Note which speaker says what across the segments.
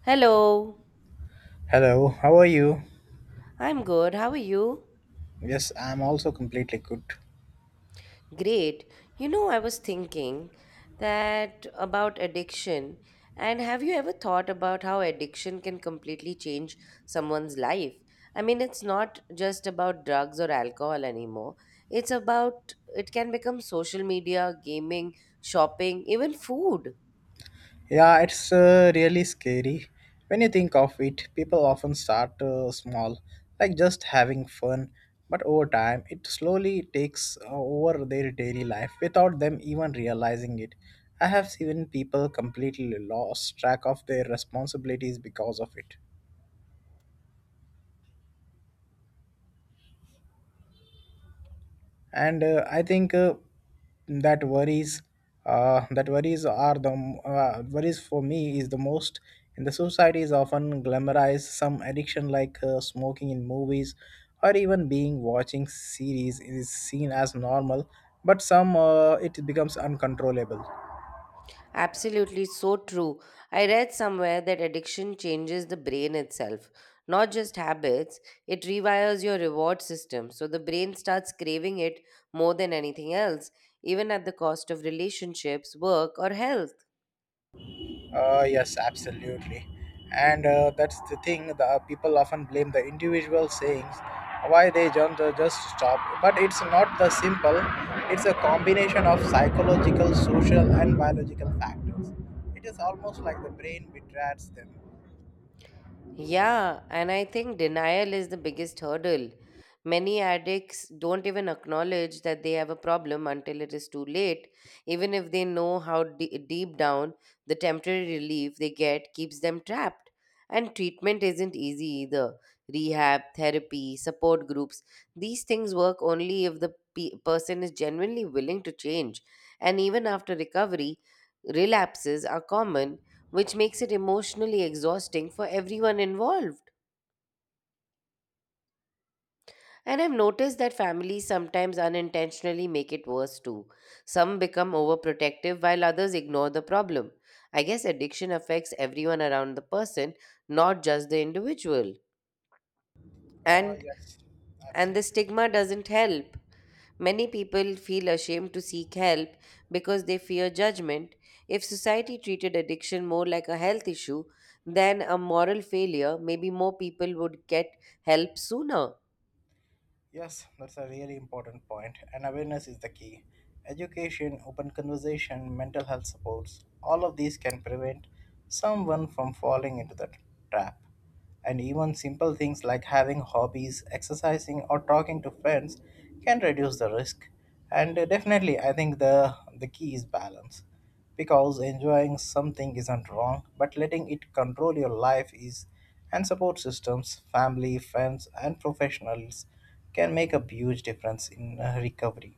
Speaker 1: Hello,
Speaker 2: Hello, how are you?
Speaker 1: I'm good. How are you?
Speaker 2: Yes, I'm also completely good.
Speaker 1: Great. You know, I was thinking that about addiction. And have you ever thought about how addiction can completely change someone's life? I mean, it's not just about drugs or alcohol anymore. It's about, it can become social media, gaming, shopping, even food.
Speaker 2: Yeah, it's really scary. When you think of it, people often start small, like just having fun, but over time, it slowly takes over their daily life without them even realizing it. I have seen people completely lost track of their responsibilities because of it. And I think that worries that worries are the worries for me is the most in the society is often glamorized some addiction like smoking in movies or even being watching series is seen as normal but some it becomes uncontrollable.
Speaker 1: Absolutely so true. I read somewhere that addiction changes the brain itself, not just habits. It rewires your reward system, so the brain starts craving it more than anything else, even at the cost of relationships, work, or health.
Speaker 2: Yes, absolutely. And that's the thing, the people often blame the individual sayings why they don't just stop. But it's not the simple, it's a combination of psychological, social, and biological factors. It is almost like the brain betrays them.
Speaker 1: Yeah, and I think denial is the biggest hurdle. Many addicts don't even acknowledge that they have a problem until it is too late, even if they know how deep down the temporary relief they get keeps them trapped. And treatment isn't easy either. Rehab, therapy, support groups, these things work only if the person is genuinely willing to change. And even after recovery, relapses are common which makes it emotionally exhausting for everyone involved. And I've noticed that families sometimes unintentionally make it worse too. Some become overprotective while others ignore the problem. I guess addiction affects everyone around the person, not just the individual.
Speaker 2: Uh,
Speaker 1: And
Speaker 2: yes,
Speaker 1: and
Speaker 2: absolutely.
Speaker 1: the stigma doesn't help. Many people feel ashamed to seek help because they fear judgment. If society treated addiction more like a health issue than a moral failure, maybe more people would get help sooner.
Speaker 2: Yes, that's a really important point, and awareness is the key. Education, open conversation, mental health supports, all of these can prevent someone from falling into the trap. And even simple things like having hobbies, exercising, or talking to friends can reduce the risk. And definitely, I think the key is balance. Because enjoying something isn't wrong, but letting it control your life is, and support systems, family, friends, and professionals can make a huge difference in recovery.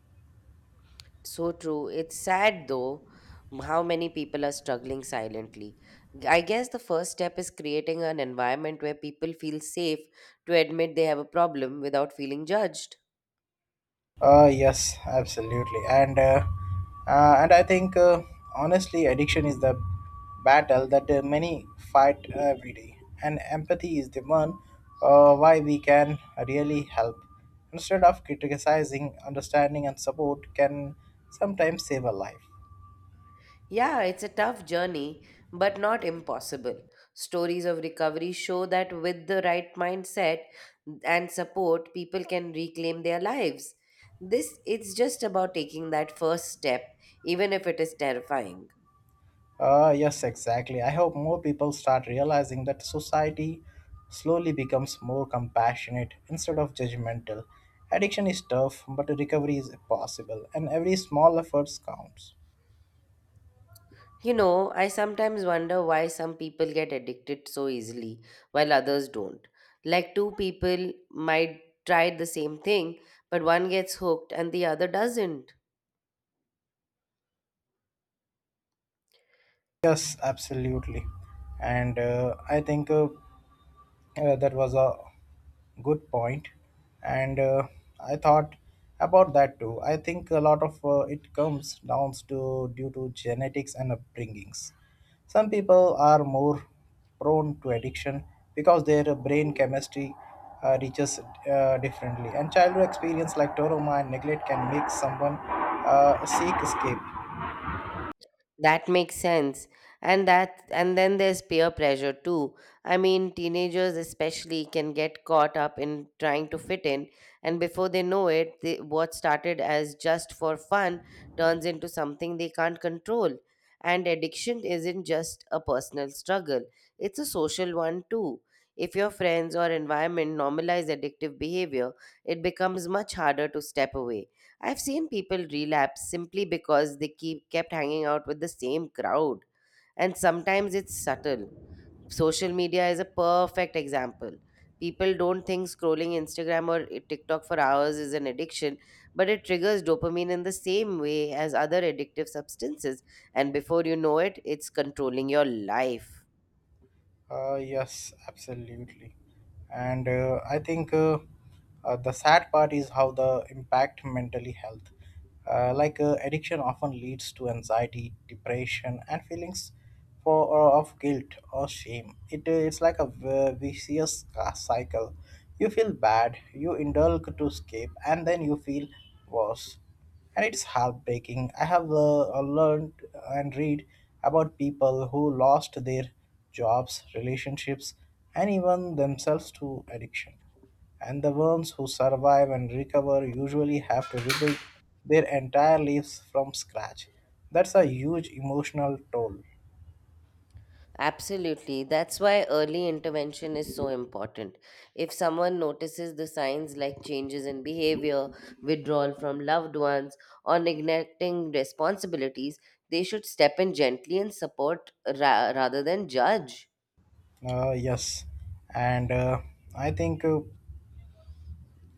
Speaker 1: So true. It's sad though how many people are struggling silently. I guess the first step is creating an environment where people feel safe to admit they have a problem without feeling judged.
Speaker 2: Yes, absolutely. And I think honestly, addiction is the battle that many fight every day, and empathy is the one why we can really help. Instead of criticizing, understanding and support can sometimes save a life.
Speaker 1: Yeah, it's a tough journey, but not impossible. Stories of recovery show that with the right mindset and support, people can reclaim their lives. This it's just about taking that first step, even if it is terrifying.
Speaker 2: Yes, exactly. I hope more people start realizing that society slowly becomes more compassionate instead of judgmental. Addiction is tough, but recovery is possible, and every small effort counts.
Speaker 1: You know, I sometimes wonder why some people get addicted so easily while others don't. Like two people might try the same thing, but one gets hooked and the other doesn't.
Speaker 2: Yes, absolutely. And I think That was a good point, and I thought about that too. I think a lot of it comes down to due to genetics and upbringings. Some people are more prone to addiction because their brain chemistry reaches differently, and childhood experience like trauma and neglect can make someone seek escape.
Speaker 1: That makes sense. And that and then there's peer pressure too. I mean, teenagers especially can get caught up in trying to fit in, and before they know it, they, what started as just for fun turns into something they can't control. And addiction isn't just a personal struggle, it's a social one too. If your friends or environment normalize addictive behavior, it becomes much harder to step away. I've seen people relapse simply because they keep kept hanging out with the same crowd. And sometimes it's subtle. Social media is a perfect example. People don't think scrolling Instagram or TikTok for hours is an addiction, but it triggers dopamine in the same way as other addictive substances. And before you know it, it's controlling your life.
Speaker 2: Yes, absolutely. And I think The sad part is how the impact mentally health. Like addiction often leads to anxiety, depression, and feelings for or of guilt or shame. It's like a vicious cycle. You feel bad, you indulge to escape, and then you feel worse and it's heartbreaking. I have learned and read about people who lost their jobs, relationships, and even themselves to addiction. And the ones who survive and recover usually have to rebuild their entire lives from scratch. That's a huge emotional toll.
Speaker 1: Absolutely. That's why early intervention is so important. If someone notices the signs like changes in behavior, withdrawal from loved ones, or neglecting responsibilities, they should step in gently and support rather than judge.
Speaker 2: Yes, and I think.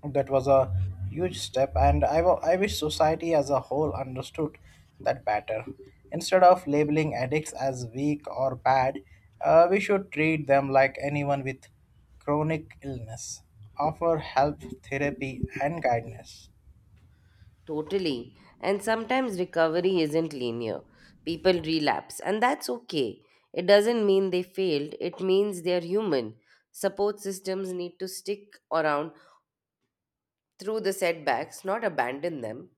Speaker 2: That was a huge step, and I wish society as a whole understood that better. Instead of labeling addicts as weak or bad, we should treat them like anyone with chronic illness, offer help, therapy, and guidance.
Speaker 1: Totally. And sometimes recovery isn't linear. People relapse, and that's okay. It doesn't mean they failed, it means they're human. Support systems need to stick around through the setbacks, not abandon them.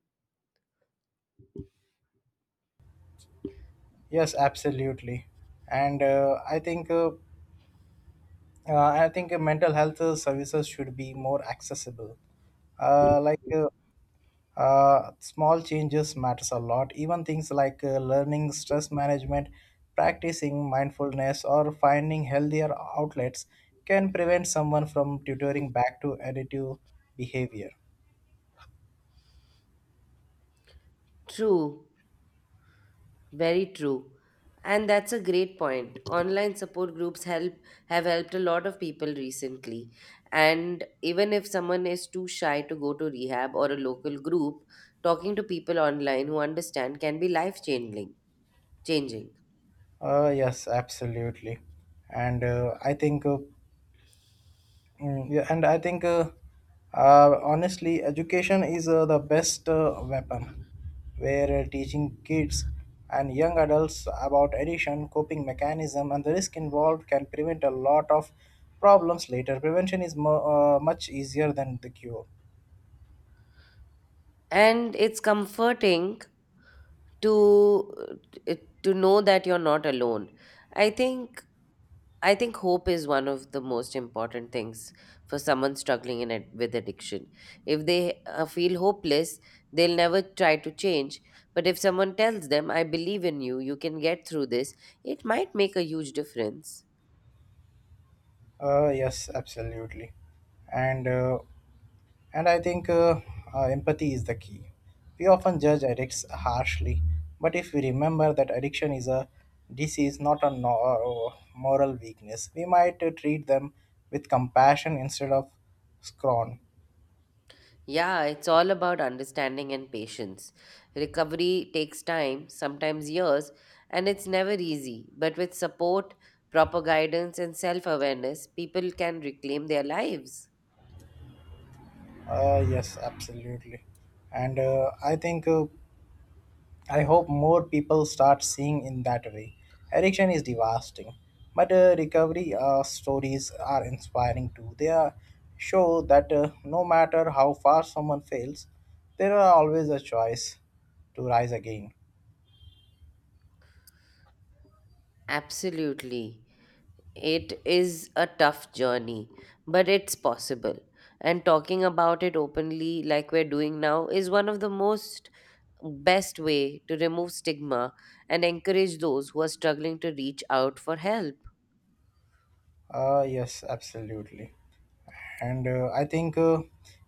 Speaker 2: Yes, absolutely. And I think Mental health services should be more accessible. Uh, like uh, Small changes matters a lot, even things like learning stress management, practicing mindfulness, or finding healthier outlets can prevent someone from tutoring back to additive behavior.
Speaker 1: True, very true. And that's a great point. Online support groups help have helped a lot of people recently. And even if someone is too shy to go to rehab or a local group, talking to people online who understand can be life changing. Changing.
Speaker 2: Yes absolutely and I think Mm, yeah, and I think honestly, education is the best weapon. Where teaching kids and young adults about addiction, coping mechanism, and the risk involved can prevent a lot of problems later. Prevention is much easier than the cure.
Speaker 1: And it's comforting to to know that you're not alone. I think I think hope is one of the most important things for someone struggling in with addiction. If they feel hopeless, they'll never try to change. But if someone tells them, I believe in you, you can get through this, it might make a huge difference.
Speaker 2: Yes, absolutely. And uh, And I think Empathy is the key. We often judge addicts harshly, but if we remember that addiction is a disease, not a moral weakness, we might treat them with compassion instead of scorn.
Speaker 1: Yeah, it's all about understanding and patience. Recovery takes time, sometimes years, and it's never easy. But with support, proper guidance, and self awareness, people can reclaim their lives.
Speaker 2: Yes, absolutely. And I think I hope more people start seeing in that way. Addiction is devastating, but recovery stories are inspiring too. They are, show that no matter how far someone fails, there are always a choice to rise again.
Speaker 1: Absolutely. It is a tough journey, but it's possible. And talking about it openly, like we're doing now, is one of the most best way to remove stigma and encourage those who are struggling to reach out for help.
Speaker 2: Yes, absolutely. And I think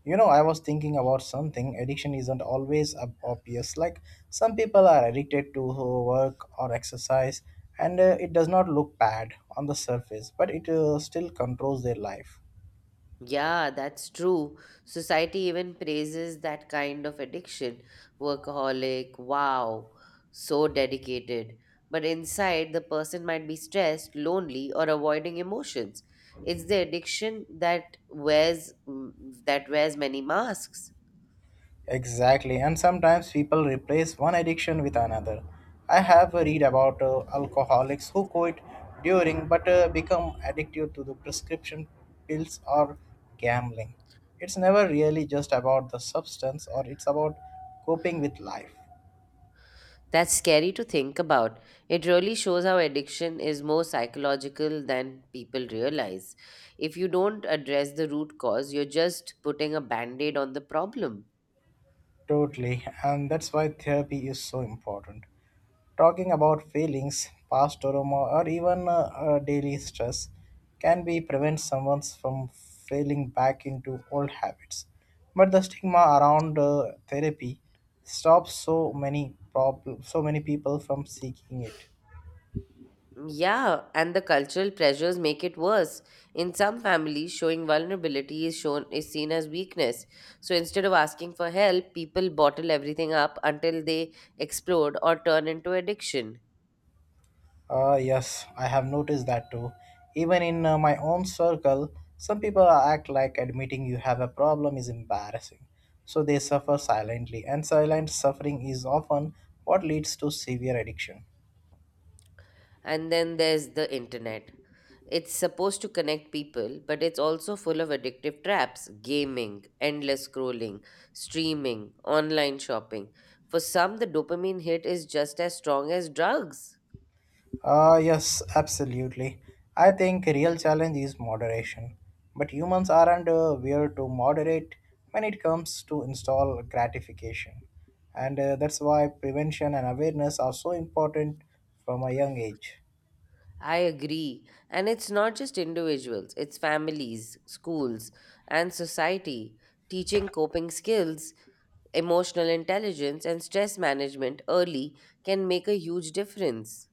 Speaker 2: you know I was thinking about something. Addiction isn't always obvious. Like some people are addicted to work or exercise and it does not look bad on the surface, but it still controls their life.
Speaker 1: Yeah, that's true. Society even praises that kind of addiction. Workaholic, wow, so dedicated. But inside, the person might be stressed, lonely, or avoiding emotions. It's the addiction that that wears many masks.
Speaker 2: Exactly, and sometimes people replace one addiction with another. I have read about alcoholics who quit during but become addicted to the prescription pills or gambling. It's never really just about the substance or it's about coping with life.
Speaker 1: That's scary to think about. It really shows how addiction is more psychological than people realize. If you don't address the root cause, you're just putting a band-aid on the problem.
Speaker 2: Totally, and that's why therapy is so important. Talking about feelings, past trauma, or even daily stress can be prevent someone from falling back into old habits. But the stigma around therapy stops so many so many people from seeking it.
Speaker 1: Yeah, and the cultural pressures make it worse. In some families, showing vulnerability is seen as weakness. So instead of asking for help, people bottle everything up until they explode or turn into addiction.
Speaker 2: Yes, I have noticed that too. Even in my own circle, some people act like admitting you have a problem is embarrassing. So they suffer silently, and silent suffering is often what leads to severe addiction.
Speaker 1: And then there's the internet. It's supposed to connect people, but it's also full of addictive traps gaming, endless scrolling, streaming, online shopping. For some, the dopamine hit is just as strong as drugs.
Speaker 2: Yes, absolutely. I think real challenge is moderation, but humans aren't weird to moderate when it comes to install gratification, and that's why prevention and awareness are so important from a young age.
Speaker 1: I agree. And it's not just individuals, it's families, schools, and society. Teaching coping skills, emotional intelligence, and stress management early can make a huge difference.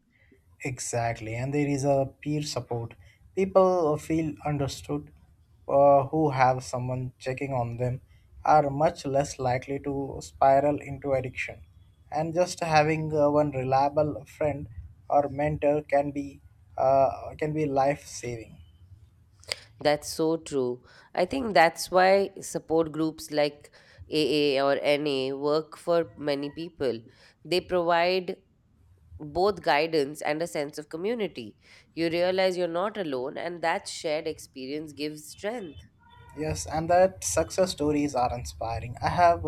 Speaker 2: Exactly, and there is a peer support. People feel understood who have someone checking on them are much less likely to spiral into addiction. And just having one reliable friend or mentor can be life saving.
Speaker 1: That's so true. I think that's why support groups like AA or NA work for many people. They provide both guidance and a sense of community. You realize you're not alone, and that shared experience gives strength.
Speaker 2: Yes, and that success stories are inspiring. I have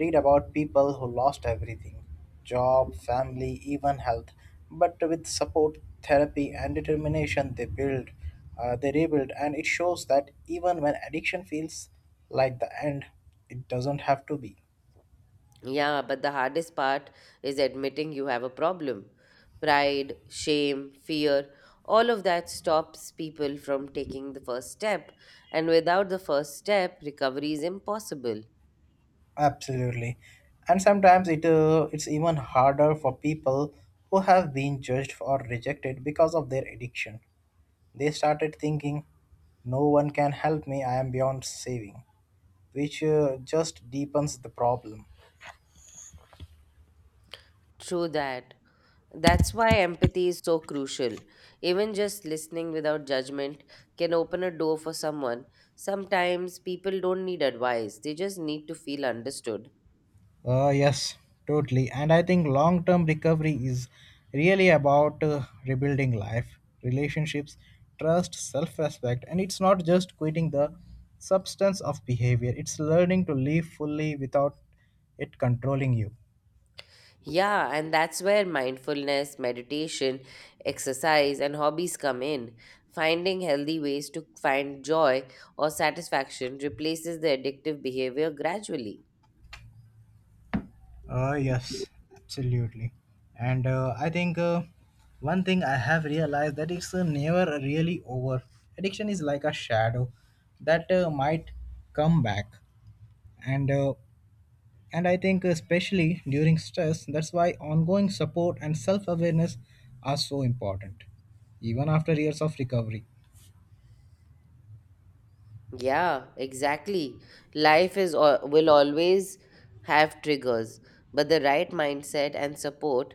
Speaker 2: read about people who lost everything, job, family, even health. But with support, therapy, and determination, they rebuild. And it shows that even when addiction feels like the end, it doesn't have to be.
Speaker 1: Yeah, but the hardest part is admitting you have a problem. Pride, shame, fear, all of that stops people from taking the first step. And without the first step, recovery is impossible.
Speaker 2: Absolutely. And sometimes it's even harder for people who have been judged or rejected because of their addiction. They started thinking, no one can help me, I am beyond saving, which just deepens the problem.
Speaker 1: True that. That's why empathy is so crucial. Even just listening without judgment can open a door for someone. Sometimes people don't need advice, they just need to feel understood.
Speaker 2: Yes, totally. And I think long term recovery is really about rebuilding life, relationships, trust, self respect. And it's not just quitting the substance of behavior, it's learning to live fully without it controlling you.
Speaker 1: Yeah, and that's where mindfulness, meditation, exercise, and hobbies come in. Finding healthy ways to find joy or satisfaction replaces the addictive behavior gradually.
Speaker 2: Yes, absolutely. And I think One thing I have realized that it's never really over. Addiction is like a shadow that might come back. And uh, and I think especially during stress, that's why ongoing support and self-awareness are so important, even after years of recovery.
Speaker 1: Yeah, exactly. Life is will always have triggers, but the right mindset and support,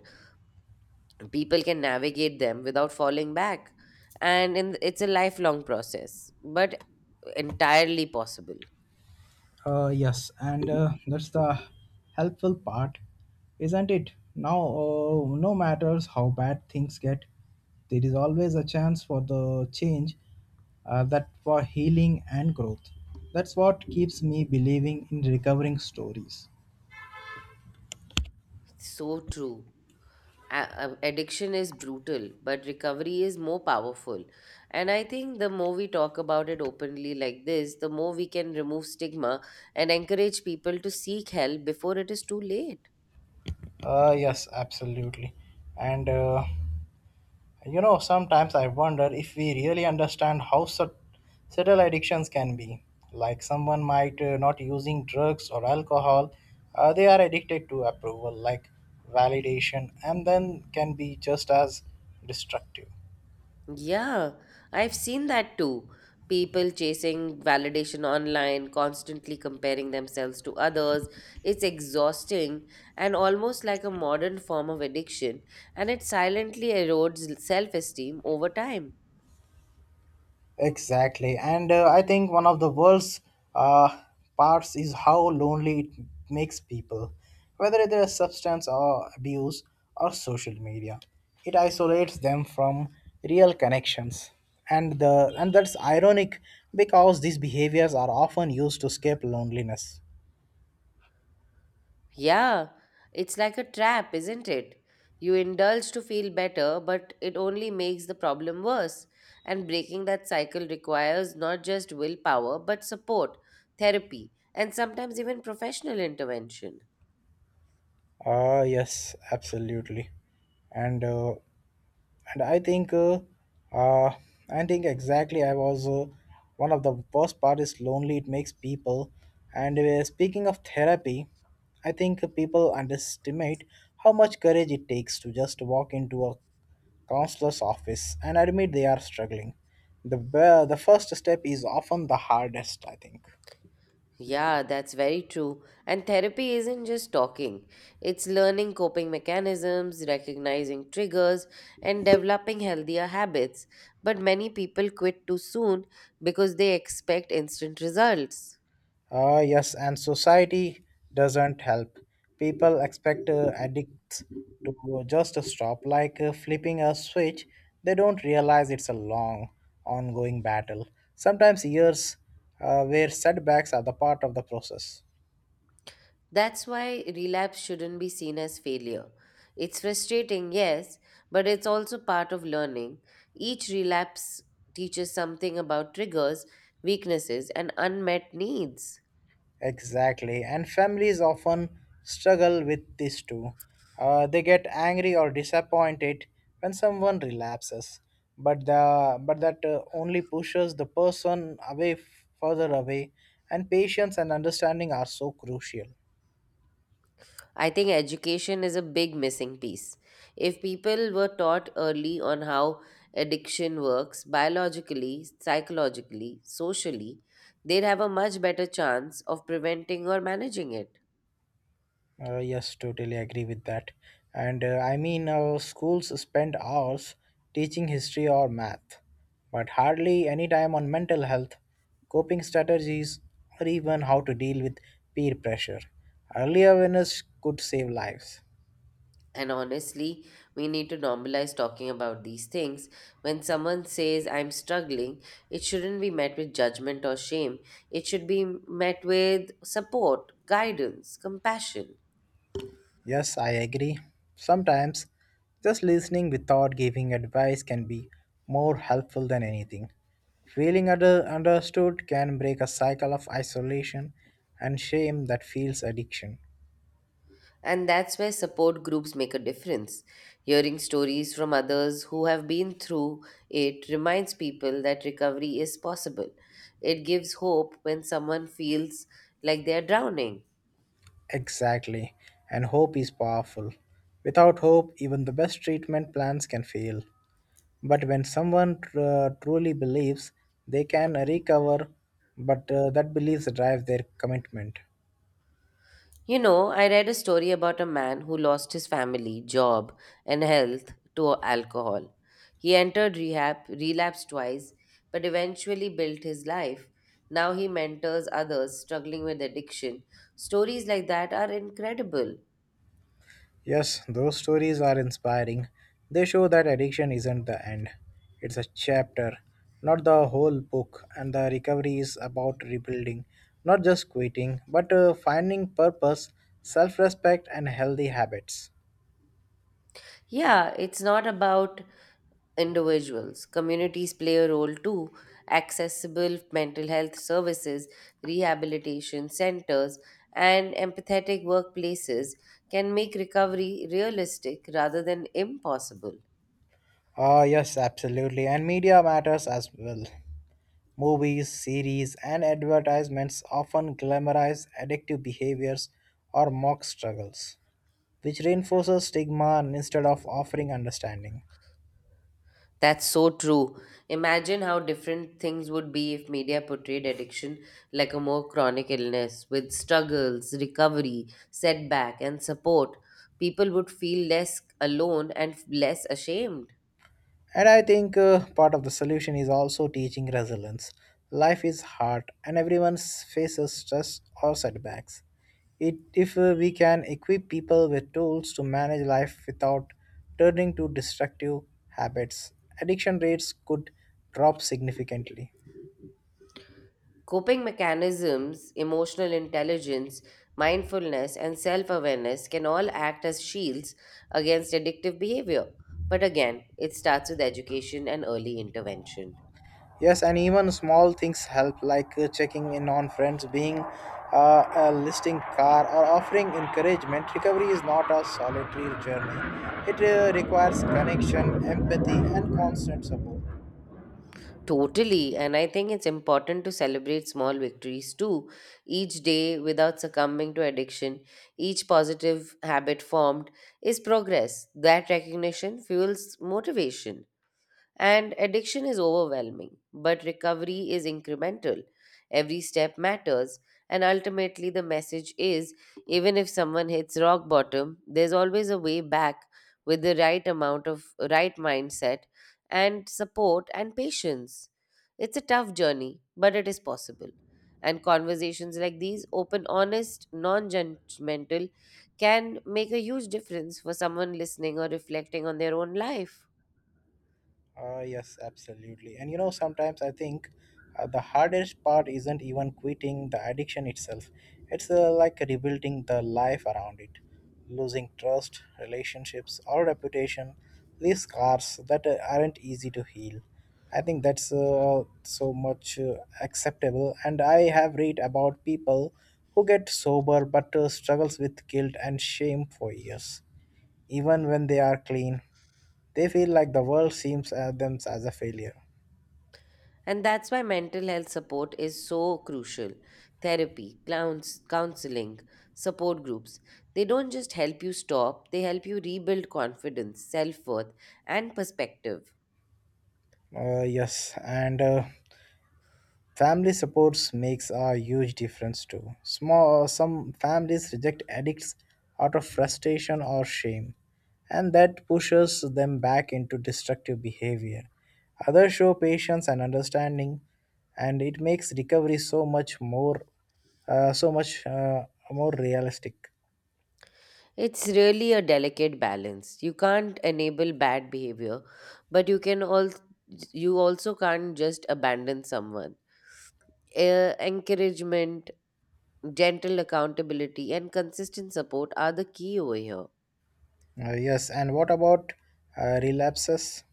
Speaker 1: people can navigate them without falling back. And in, it's a lifelong process, but entirely possible.
Speaker 2: Yes, and That's the helpful part, isn't it? Now, no matters how bad things get, there is always a chance for the change, that for healing and growth. That's what keeps me believing in recovering stories.
Speaker 1: So true. Addiction is brutal, but recovery is more powerful. And I think the more we talk about it openly like this, the more we can remove stigma and encourage people to seek help before it is too late.
Speaker 2: Yes, absolutely, and you know, sometimes I wonder if we really understand how subtle addictions can be. Like someone might not using drugs or alcohol, they are addicted to approval, like validation, and then can be just as destructive.
Speaker 1: Yeah, I've seen that too. People chasing validation online, constantly comparing themselves to others. It's exhausting and almost like a modern form of addiction, and it silently erodes self esteem over time.
Speaker 2: Exactly. And I think one of the worst uh, parts is how lonely it makes people, whether it is substance or abuse or social media. It isolates them from real connections. And that's ironic because these behaviors are often used to escape loneliness.
Speaker 1: Yeah, it's like a trap, isn't it? You indulge to feel better, but it only makes the problem worse. And breaking that cycle requires not just willpower, but support, therapy, and sometimes even professional intervention.
Speaker 2: Ah, yes, absolutely. And uh, and uh, I think exactly I was one of the worst part is lonely it makes people and speaking of therapy I think people underestimate how much courage it takes to just walk into a counselor's office and admit they are struggling. The first step is often the hardest I think.
Speaker 1: Yeah, that's very true. And therapy isn't just talking, it's learning coping mechanisms, recognizing triggers, and developing healthier habits. But many people quit too soon because they expect instant results.
Speaker 2: Ah, yes, and society doesn't help. People expect addicts to just stop, like flipping a switch. They don't realize it's a long, ongoing battle, sometimes years, where setbacks are the part of the process.
Speaker 1: That's why relapse shouldn't be seen as failure. It's frustrating, yes, but it's also part of learning. Each relapse teaches something about triggers, weaknesses, and unmet needs.
Speaker 2: Exactly, and families often struggle with this too. They get angry or disappointed when someone relapses, but the but that only pushes the person away further away. And patience and understanding are so crucial.
Speaker 1: I think education is a big missing piece. If people were taught early on how addiction works biologically, psychologically, socially, they'd have a much better chance of preventing or managing it.
Speaker 2: Yes, totally agree with that. And I mean, our schools spend hours teaching history or math, but hardly any time on mental health, coping strategies, or even how to deal with peer pressure. Early awareness could save lives.
Speaker 1: And honestly, we need to normalize talking about these things. When someone says, I'm struggling, it shouldn't be met with judgment or shame. It should be met with support, guidance, compassion.
Speaker 2: Yes, I agree. Sometimes just listening without giving advice can be more helpful than anything. Feeling understood can break a cycle of isolation and shame that feels addiction.
Speaker 1: And that's where support groups make a difference. Hearing stories from others who have been through it reminds people that recovery is possible. It gives hope when someone feels like they are drowning.
Speaker 2: Exactly, and hope is powerful. Without hope, even the best treatment plans can fail. But when someone truly believes, they can recover, but that belief drives their commitment.
Speaker 1: You know, I read a story about a man who lost his family, job, and health to alcohol. He entered rehab, relapsed twice, but eventually built his life. Now he mentors others struggling with addiction. Stories like that are incredible.
Speaker 2: Yes, those stories are inspiring. They show that addiction isn't the end, it's a chapter, not the whole book. And the recovery is about rebuilding, not just quitting, but finding purpose, self respect, and healthy habits.
Speaker 1: Yeah, it's not about individuals. Communities play a role too. Accessible mental health services, rehabilitation centers, and empathetic workplaces can make recovery realistic rather than impossible.
Speaker 2: Ah, yes, absolutely. And media matters as well. Movies, series, and advertisements often glamorize addictive behaviors or mock struggles, which reinforces stigma instead of offering understanding.
Speaker 1: That's so true. Imagine how different things would be if media portrayed addiction like a more chronic illness with struggles, recovery, setback, and support. People would feel less alone and less ashamed.
Speaker 2: And I think part of the solution is also teaching resilience. Life is hard and faces stress or setbacks. If we can equip people with tools to manage life without turning to destructive habits, addiction rates could drop significantly.
Speaker 1: Coping mechanisms, emotional intelligence, mindfulness, and self awareness can all act as shields against addictive behavior. But again, it starts with education and early intervention.
Speaker 2: Yes, and even small things help, like checking in on friends, being a listing car, or offering encouragement. Recovery is not a solitary journey, it requires connection, empathy, and constant support.
Speaker 1: Totally, and I think it's important to celebrate small victories too, each day without succumbing to addiction. Each positive habit formed is progress. That recognition fuels motivation. And addiction is overwhelming, but recovery is incremental. Every step matters, and ultimately, the message is even if someone hits rock bottom, there's always a way back with the right amount of right mindset and support and patience. It's a tough journey, but it is possible. And conversations like these, open, honest, non judgmental, can make a huge difference for someone listening or reflecting on their own life.
Speaker 2: Yes, absolutely. And you know, sometimes I think the hardest part isn't even quitting the addiction itself, it's like rebuilding the life around it. Losing trust, relationships, or reputation. These scars that aren't easy to heal. I think that's so much acceptable. And I have read about people who get sober but struggles with guilt and shame for years, even when they are clean. They feel like the world seems at them as a failure.
Speaker 1: And that's why mental health support is so crucial. Therapy, clowns, counseling, support groups, they don't just help you stop, they help you rebuild confidence, self worth, and perspective.
Speaker 2: Yes, and family supports makes a huge difference too. Small Some families reject addicts out of frustration or shame, and that pushes them back into destructive behavior. Others show patience and understanding, and it makes recovery so much more realistic.
Speaker 1: It's really a delicate balance. You can't enable bad behavior, but you also can't just abandon someone. Encouragement, gentle accountability, and consistent support are the key over here.
Speaker 2: Yes, and what about relapses?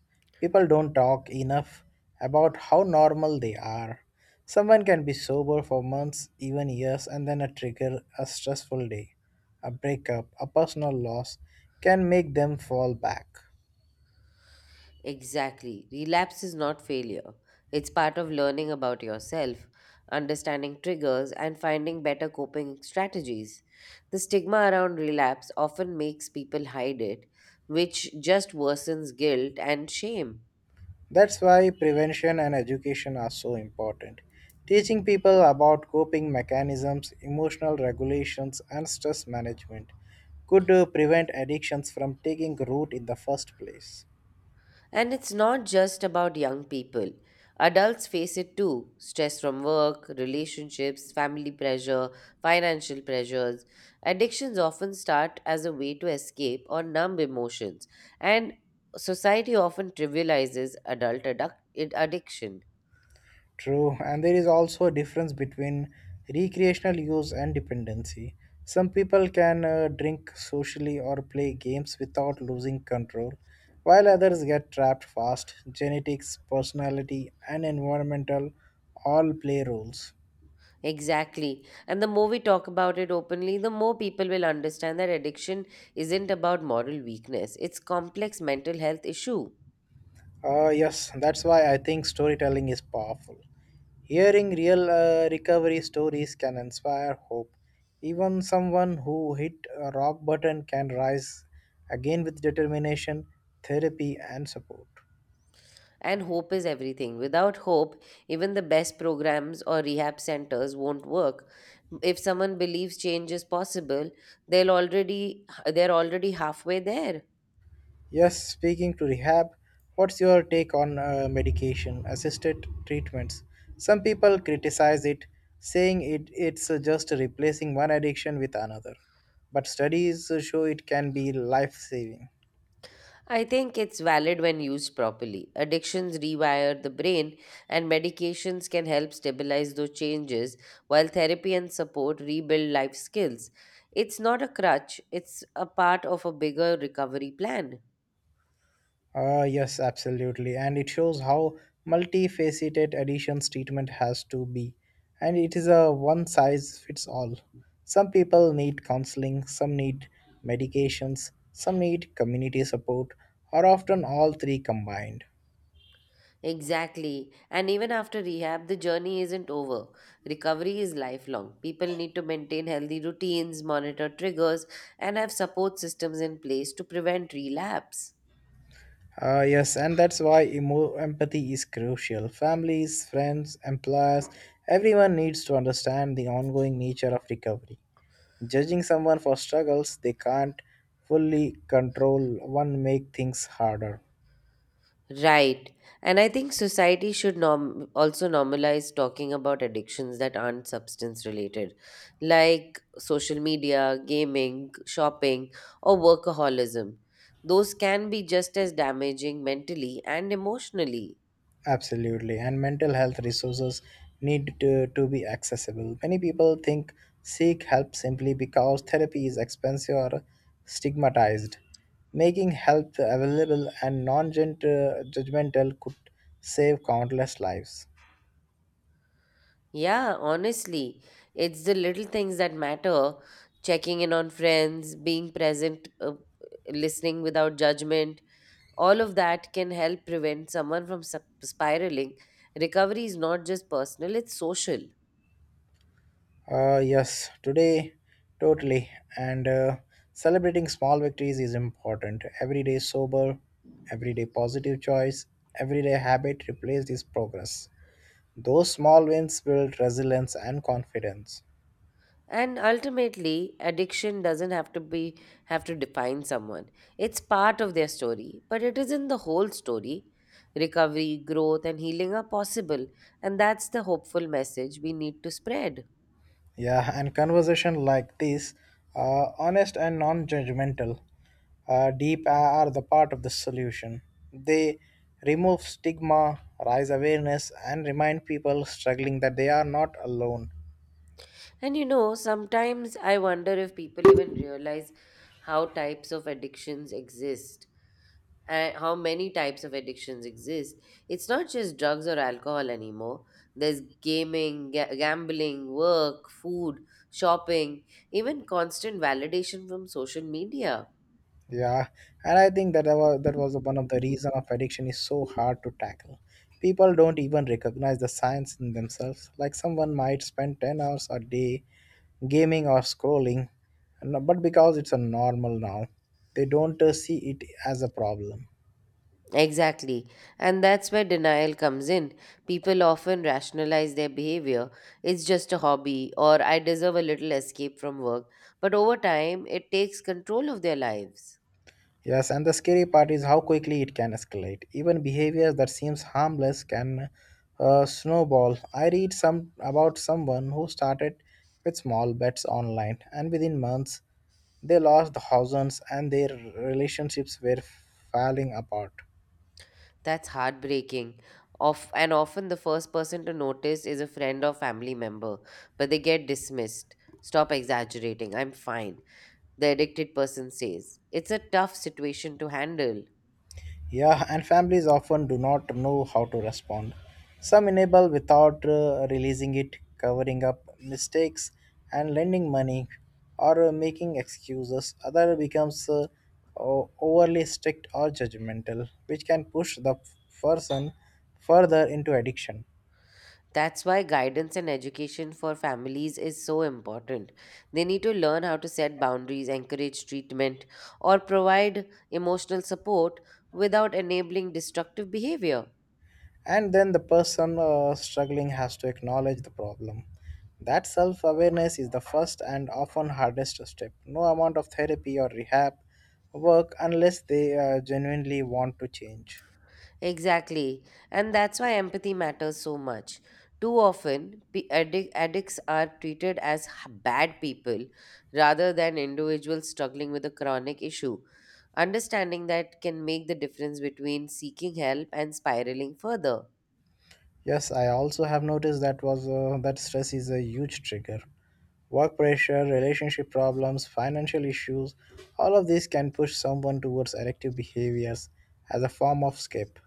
Speaker 2: People don't talk enough about how normal they are. Someone can be sober for months, even years, and then a trigger, a stressful day, a breakup, a personal loss can make them fall back.
Speaker 1: Exactly. Relapse is not failure. It's part of learning about yourself, understanding triggers, and finding better coping strategies. The stigma around relapse often makes people hide it, which just worsens guilt and shame.
Speaker 2: That's why prevention and education are so important. Teaching people about coping mechanisms, emotional regulations, and stress management could prevent addictions from taking root in the first place.
Speaker 1: And it's not just about young people. Adults face it too: stress from work, relationships, family pressure, financial pressures. Addictions often start as a way to escape or numb emotions, and society often trivializes addiction.
Speaker 2: True, and there is also a difference between recreational use and dependency. Some people can drink socially or play games without losing control, while others get trapped fast. Genetics, personality, and environmental all play roles.
Speaker 1: Exactly. And the more we talk about it openly, the more people will understand that addiction isn't about moral weakness, it's complex mental health issue.
Speaker 2: Yes, that's why I think storytelling is powerful. Hearing real recovery stories can inspire hope. Even someone who hit a rock bottom can rise again with determination, therapy, and support.
Speaker 1: And hope is everything. Without hope, even the best programs or rehab centers won't work. If someone believes change is possible, they're already halfway there.
Speaker 2: Yes, speaking to rehab, what's your take on medication assisted treatments? Some people criticize it, saying it's just replacing one addiction with another, but studies show it can be life saving.
Speaker 1: I think it's valid when used properly. Addictions rewire the brain, and medications can help stabilize those changes, while therapy and support rebuild life skills. It's not a crutch, it's a part of a bigger recovery plan.
Speaker 2: Yes, absolutely. And it shows how multifaceted additions treatment has to be. And it is a one size fits all. Some people need counseling, some need medications, some need community support, or often all three combined.
Speaker 1: Exactly. And even after rehab, the journey isn't over. Recovery is lifelong. People need to maintain healthy routines, monitor triggers, and have support systems in place to prevent relapse.
Speaker 2: Yes, and that's why empathy is crucial. Families, friends, employers, everyone needs to understand the ongoing nature of recovery. Judging someone for struggles they can't fully control one make things harder.
Speaker 1: Right. And I think society should also normalize talking about addictions that aren't substance related, like social media, gaming, shopping, or workaholism. Those can be just as damaging mentally and emotionally.
Speaker 2: Absolutely. And mental health resources need to be accessible. Many people think seek help simply because therapy is expensive or stigmatized. Making help available and non judgmental could save countless lives.
Speaker 1: Yeah, honestly, it's the little things that matter. Checking in on friends, being present, listening without judgment, all of that can help prevent someone from spiraling. Recovery is not just personal, it's social.
Speaker 2: Yes, today, totally. And celebrating small victories is important. Every day sober, every day positive choice, every day habit replace this progress. Those small wins build resilience and confidence.
Speaker 1: And ultimately, addiction doesn't have to be have to define someone. It's part of their story, but it isn't the whole story. Recovery, growth, and healing are possible, and that's the hopeful message we need to spread.
Speaker 2: Yeah, and conversation like this, honest and non-judgmental, deep are the part of the solution. They remove stigma, raise awareness, and remind people struggling that they are not alone.
Speaker 1: And you know, sometimes I wonder if people even realize how types of addictions exist how many types of addictions exist. It's not just drugs or alcohol anymore. There's gaming, gambling, work, food, shopping, even constant validation from social media.
Speaker 2: Yeah, and I think that was one of the reason of addiction is so hard to tackle. People don't even recognize the signs in themselves. Like someone might spend 10 hours a day gaming or scrolling, but because it's a normal now, they don't see it as a problem.
Speaker 1: Exactly. And that's where denial comes in. People often rationalize their behavior. It's just a hobby, or I deserve a little escape from work. But over time, it takes control of their lives.
Speaker 2: Yes, and the scary part is how quickly it can escalate. Even behaviors that seems harmless can snowball. I read some about someone who started with small bets online, and within months, they lost thousands, and their relationships were falling apart.
Speaker 1: That's heartbreaking. Of, and often the first person to notice is a friend or family member, but they get dismissed. Stop exaggerating, I'm fine, the addicted person says. It's a tough situation to handle.
Speaker 2: Yeah, and families often do not know how to respond. Some enable without releasing it, covering up mistakes and lending money or making excuses. Other becomes overly strict or judgmental, which can push the person further into addiction.
Speaker 1: That's why guidance and education for families is so important. They need to learn how to set boundaries, encourage treatment, or provide emotional support without enabling destructive behavior.
Speaker 2: And then the person struggling has to acknowledge the problem. That self-awareness is the first and often hardest step. No amount of therapy or rehab work unless they genuinely want to change.
Speaker 1: Exactly. And that's why empathy matters so much. Too often, addicts are treated as bad people rather than individuals struggling with a chronic issue. Understanding that can make the difference between seeking help and spiraling further.
Speaker 2: Yes, I also have noticed that was that stress is a huge trigger. Work pressure, relationship problems, financial issues, all of these can push someone towards addictive behaviors as a form of escape.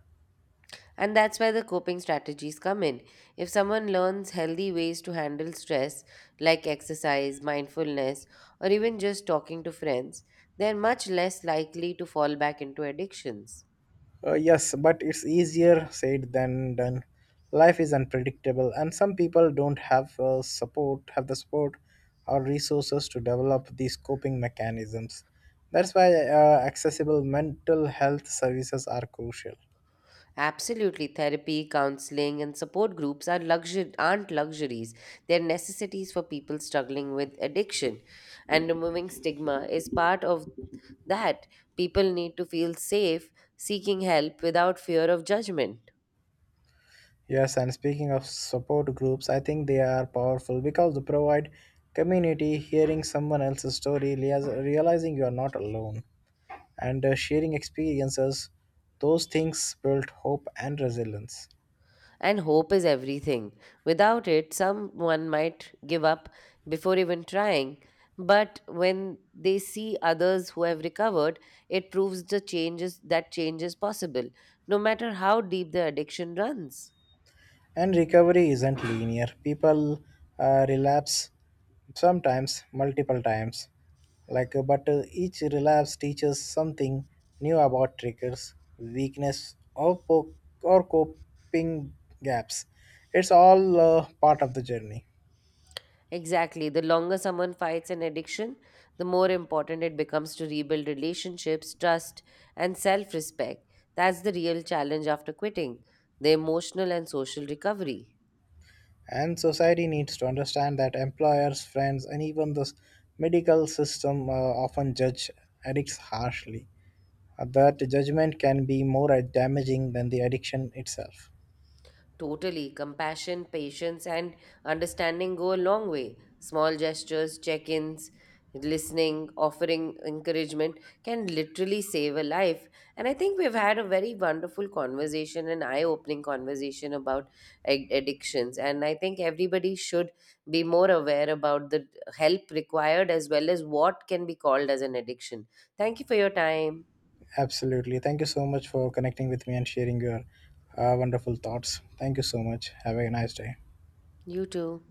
Speaker 1: And that's where the coping strategies come in. If someone learns healthy ways to handle stress, like exercise, mindfulness, or even just talking to friends, they're much less likely to fall back into addictions.
Speaker 2: Yes, but it's easier said than done. Life is unpredictable, and some people don't have the support or resources to develop these coping mechanisms. That's why accessible mental health services are crucial.
Speaker 1: Absolutely, therapy, counseling, and support groups are aren't luxuries. They're necessities for people struggling with addiction. And removing stigma is part of that. People need to feel safe seeking help without fear of judgment.
Speaker 2: Yes, and speaking of support groups, I think they are powerful because they provide community, hearing someone else's story, realizing you are not alone, and sharing experiences. Those things build hope and resilience.
Speaker 1: And hope is everything. Without it, someone might give up before even trying. But when they see others who have recovered, it proves the changes that change is possible, no matter how deep the addiction runs.
Speaker 2: And recovery isn't linear. People relapse sometimes, multiple times. Like, but Each relapse teaches something new about triggers, weakness, or coping gaps. It's all part of the journey,
Speaker 1: Exactly. The longer someone fights an addiction, the more important it becomes to rebuild relationships, trust, and self respect. That's the real challenge after quitting the emotional and social recovery.
Speaker 2: and society needs to understand that employers, friends, and even the medical system often judge addicts harshly. That judgment can be more damaging than the addiction itself.
Speaker 1: Totally. Compassion, patience, and understanding go a long way. Small gestures, check ins, listening, offering encouragement can literally save a life. And I think we've had a very wonderful conversation, an eye opening conversation about addictions. And I think everybody should be more aware about the help required as well as what can be called as an addiction. Thank you for your time.
Speaker 2: Absolutely. Thank you so much for connecting with me and sharing your wonderful thoughts. Thank you so much. Have a nice day.
Speaker 1: You too.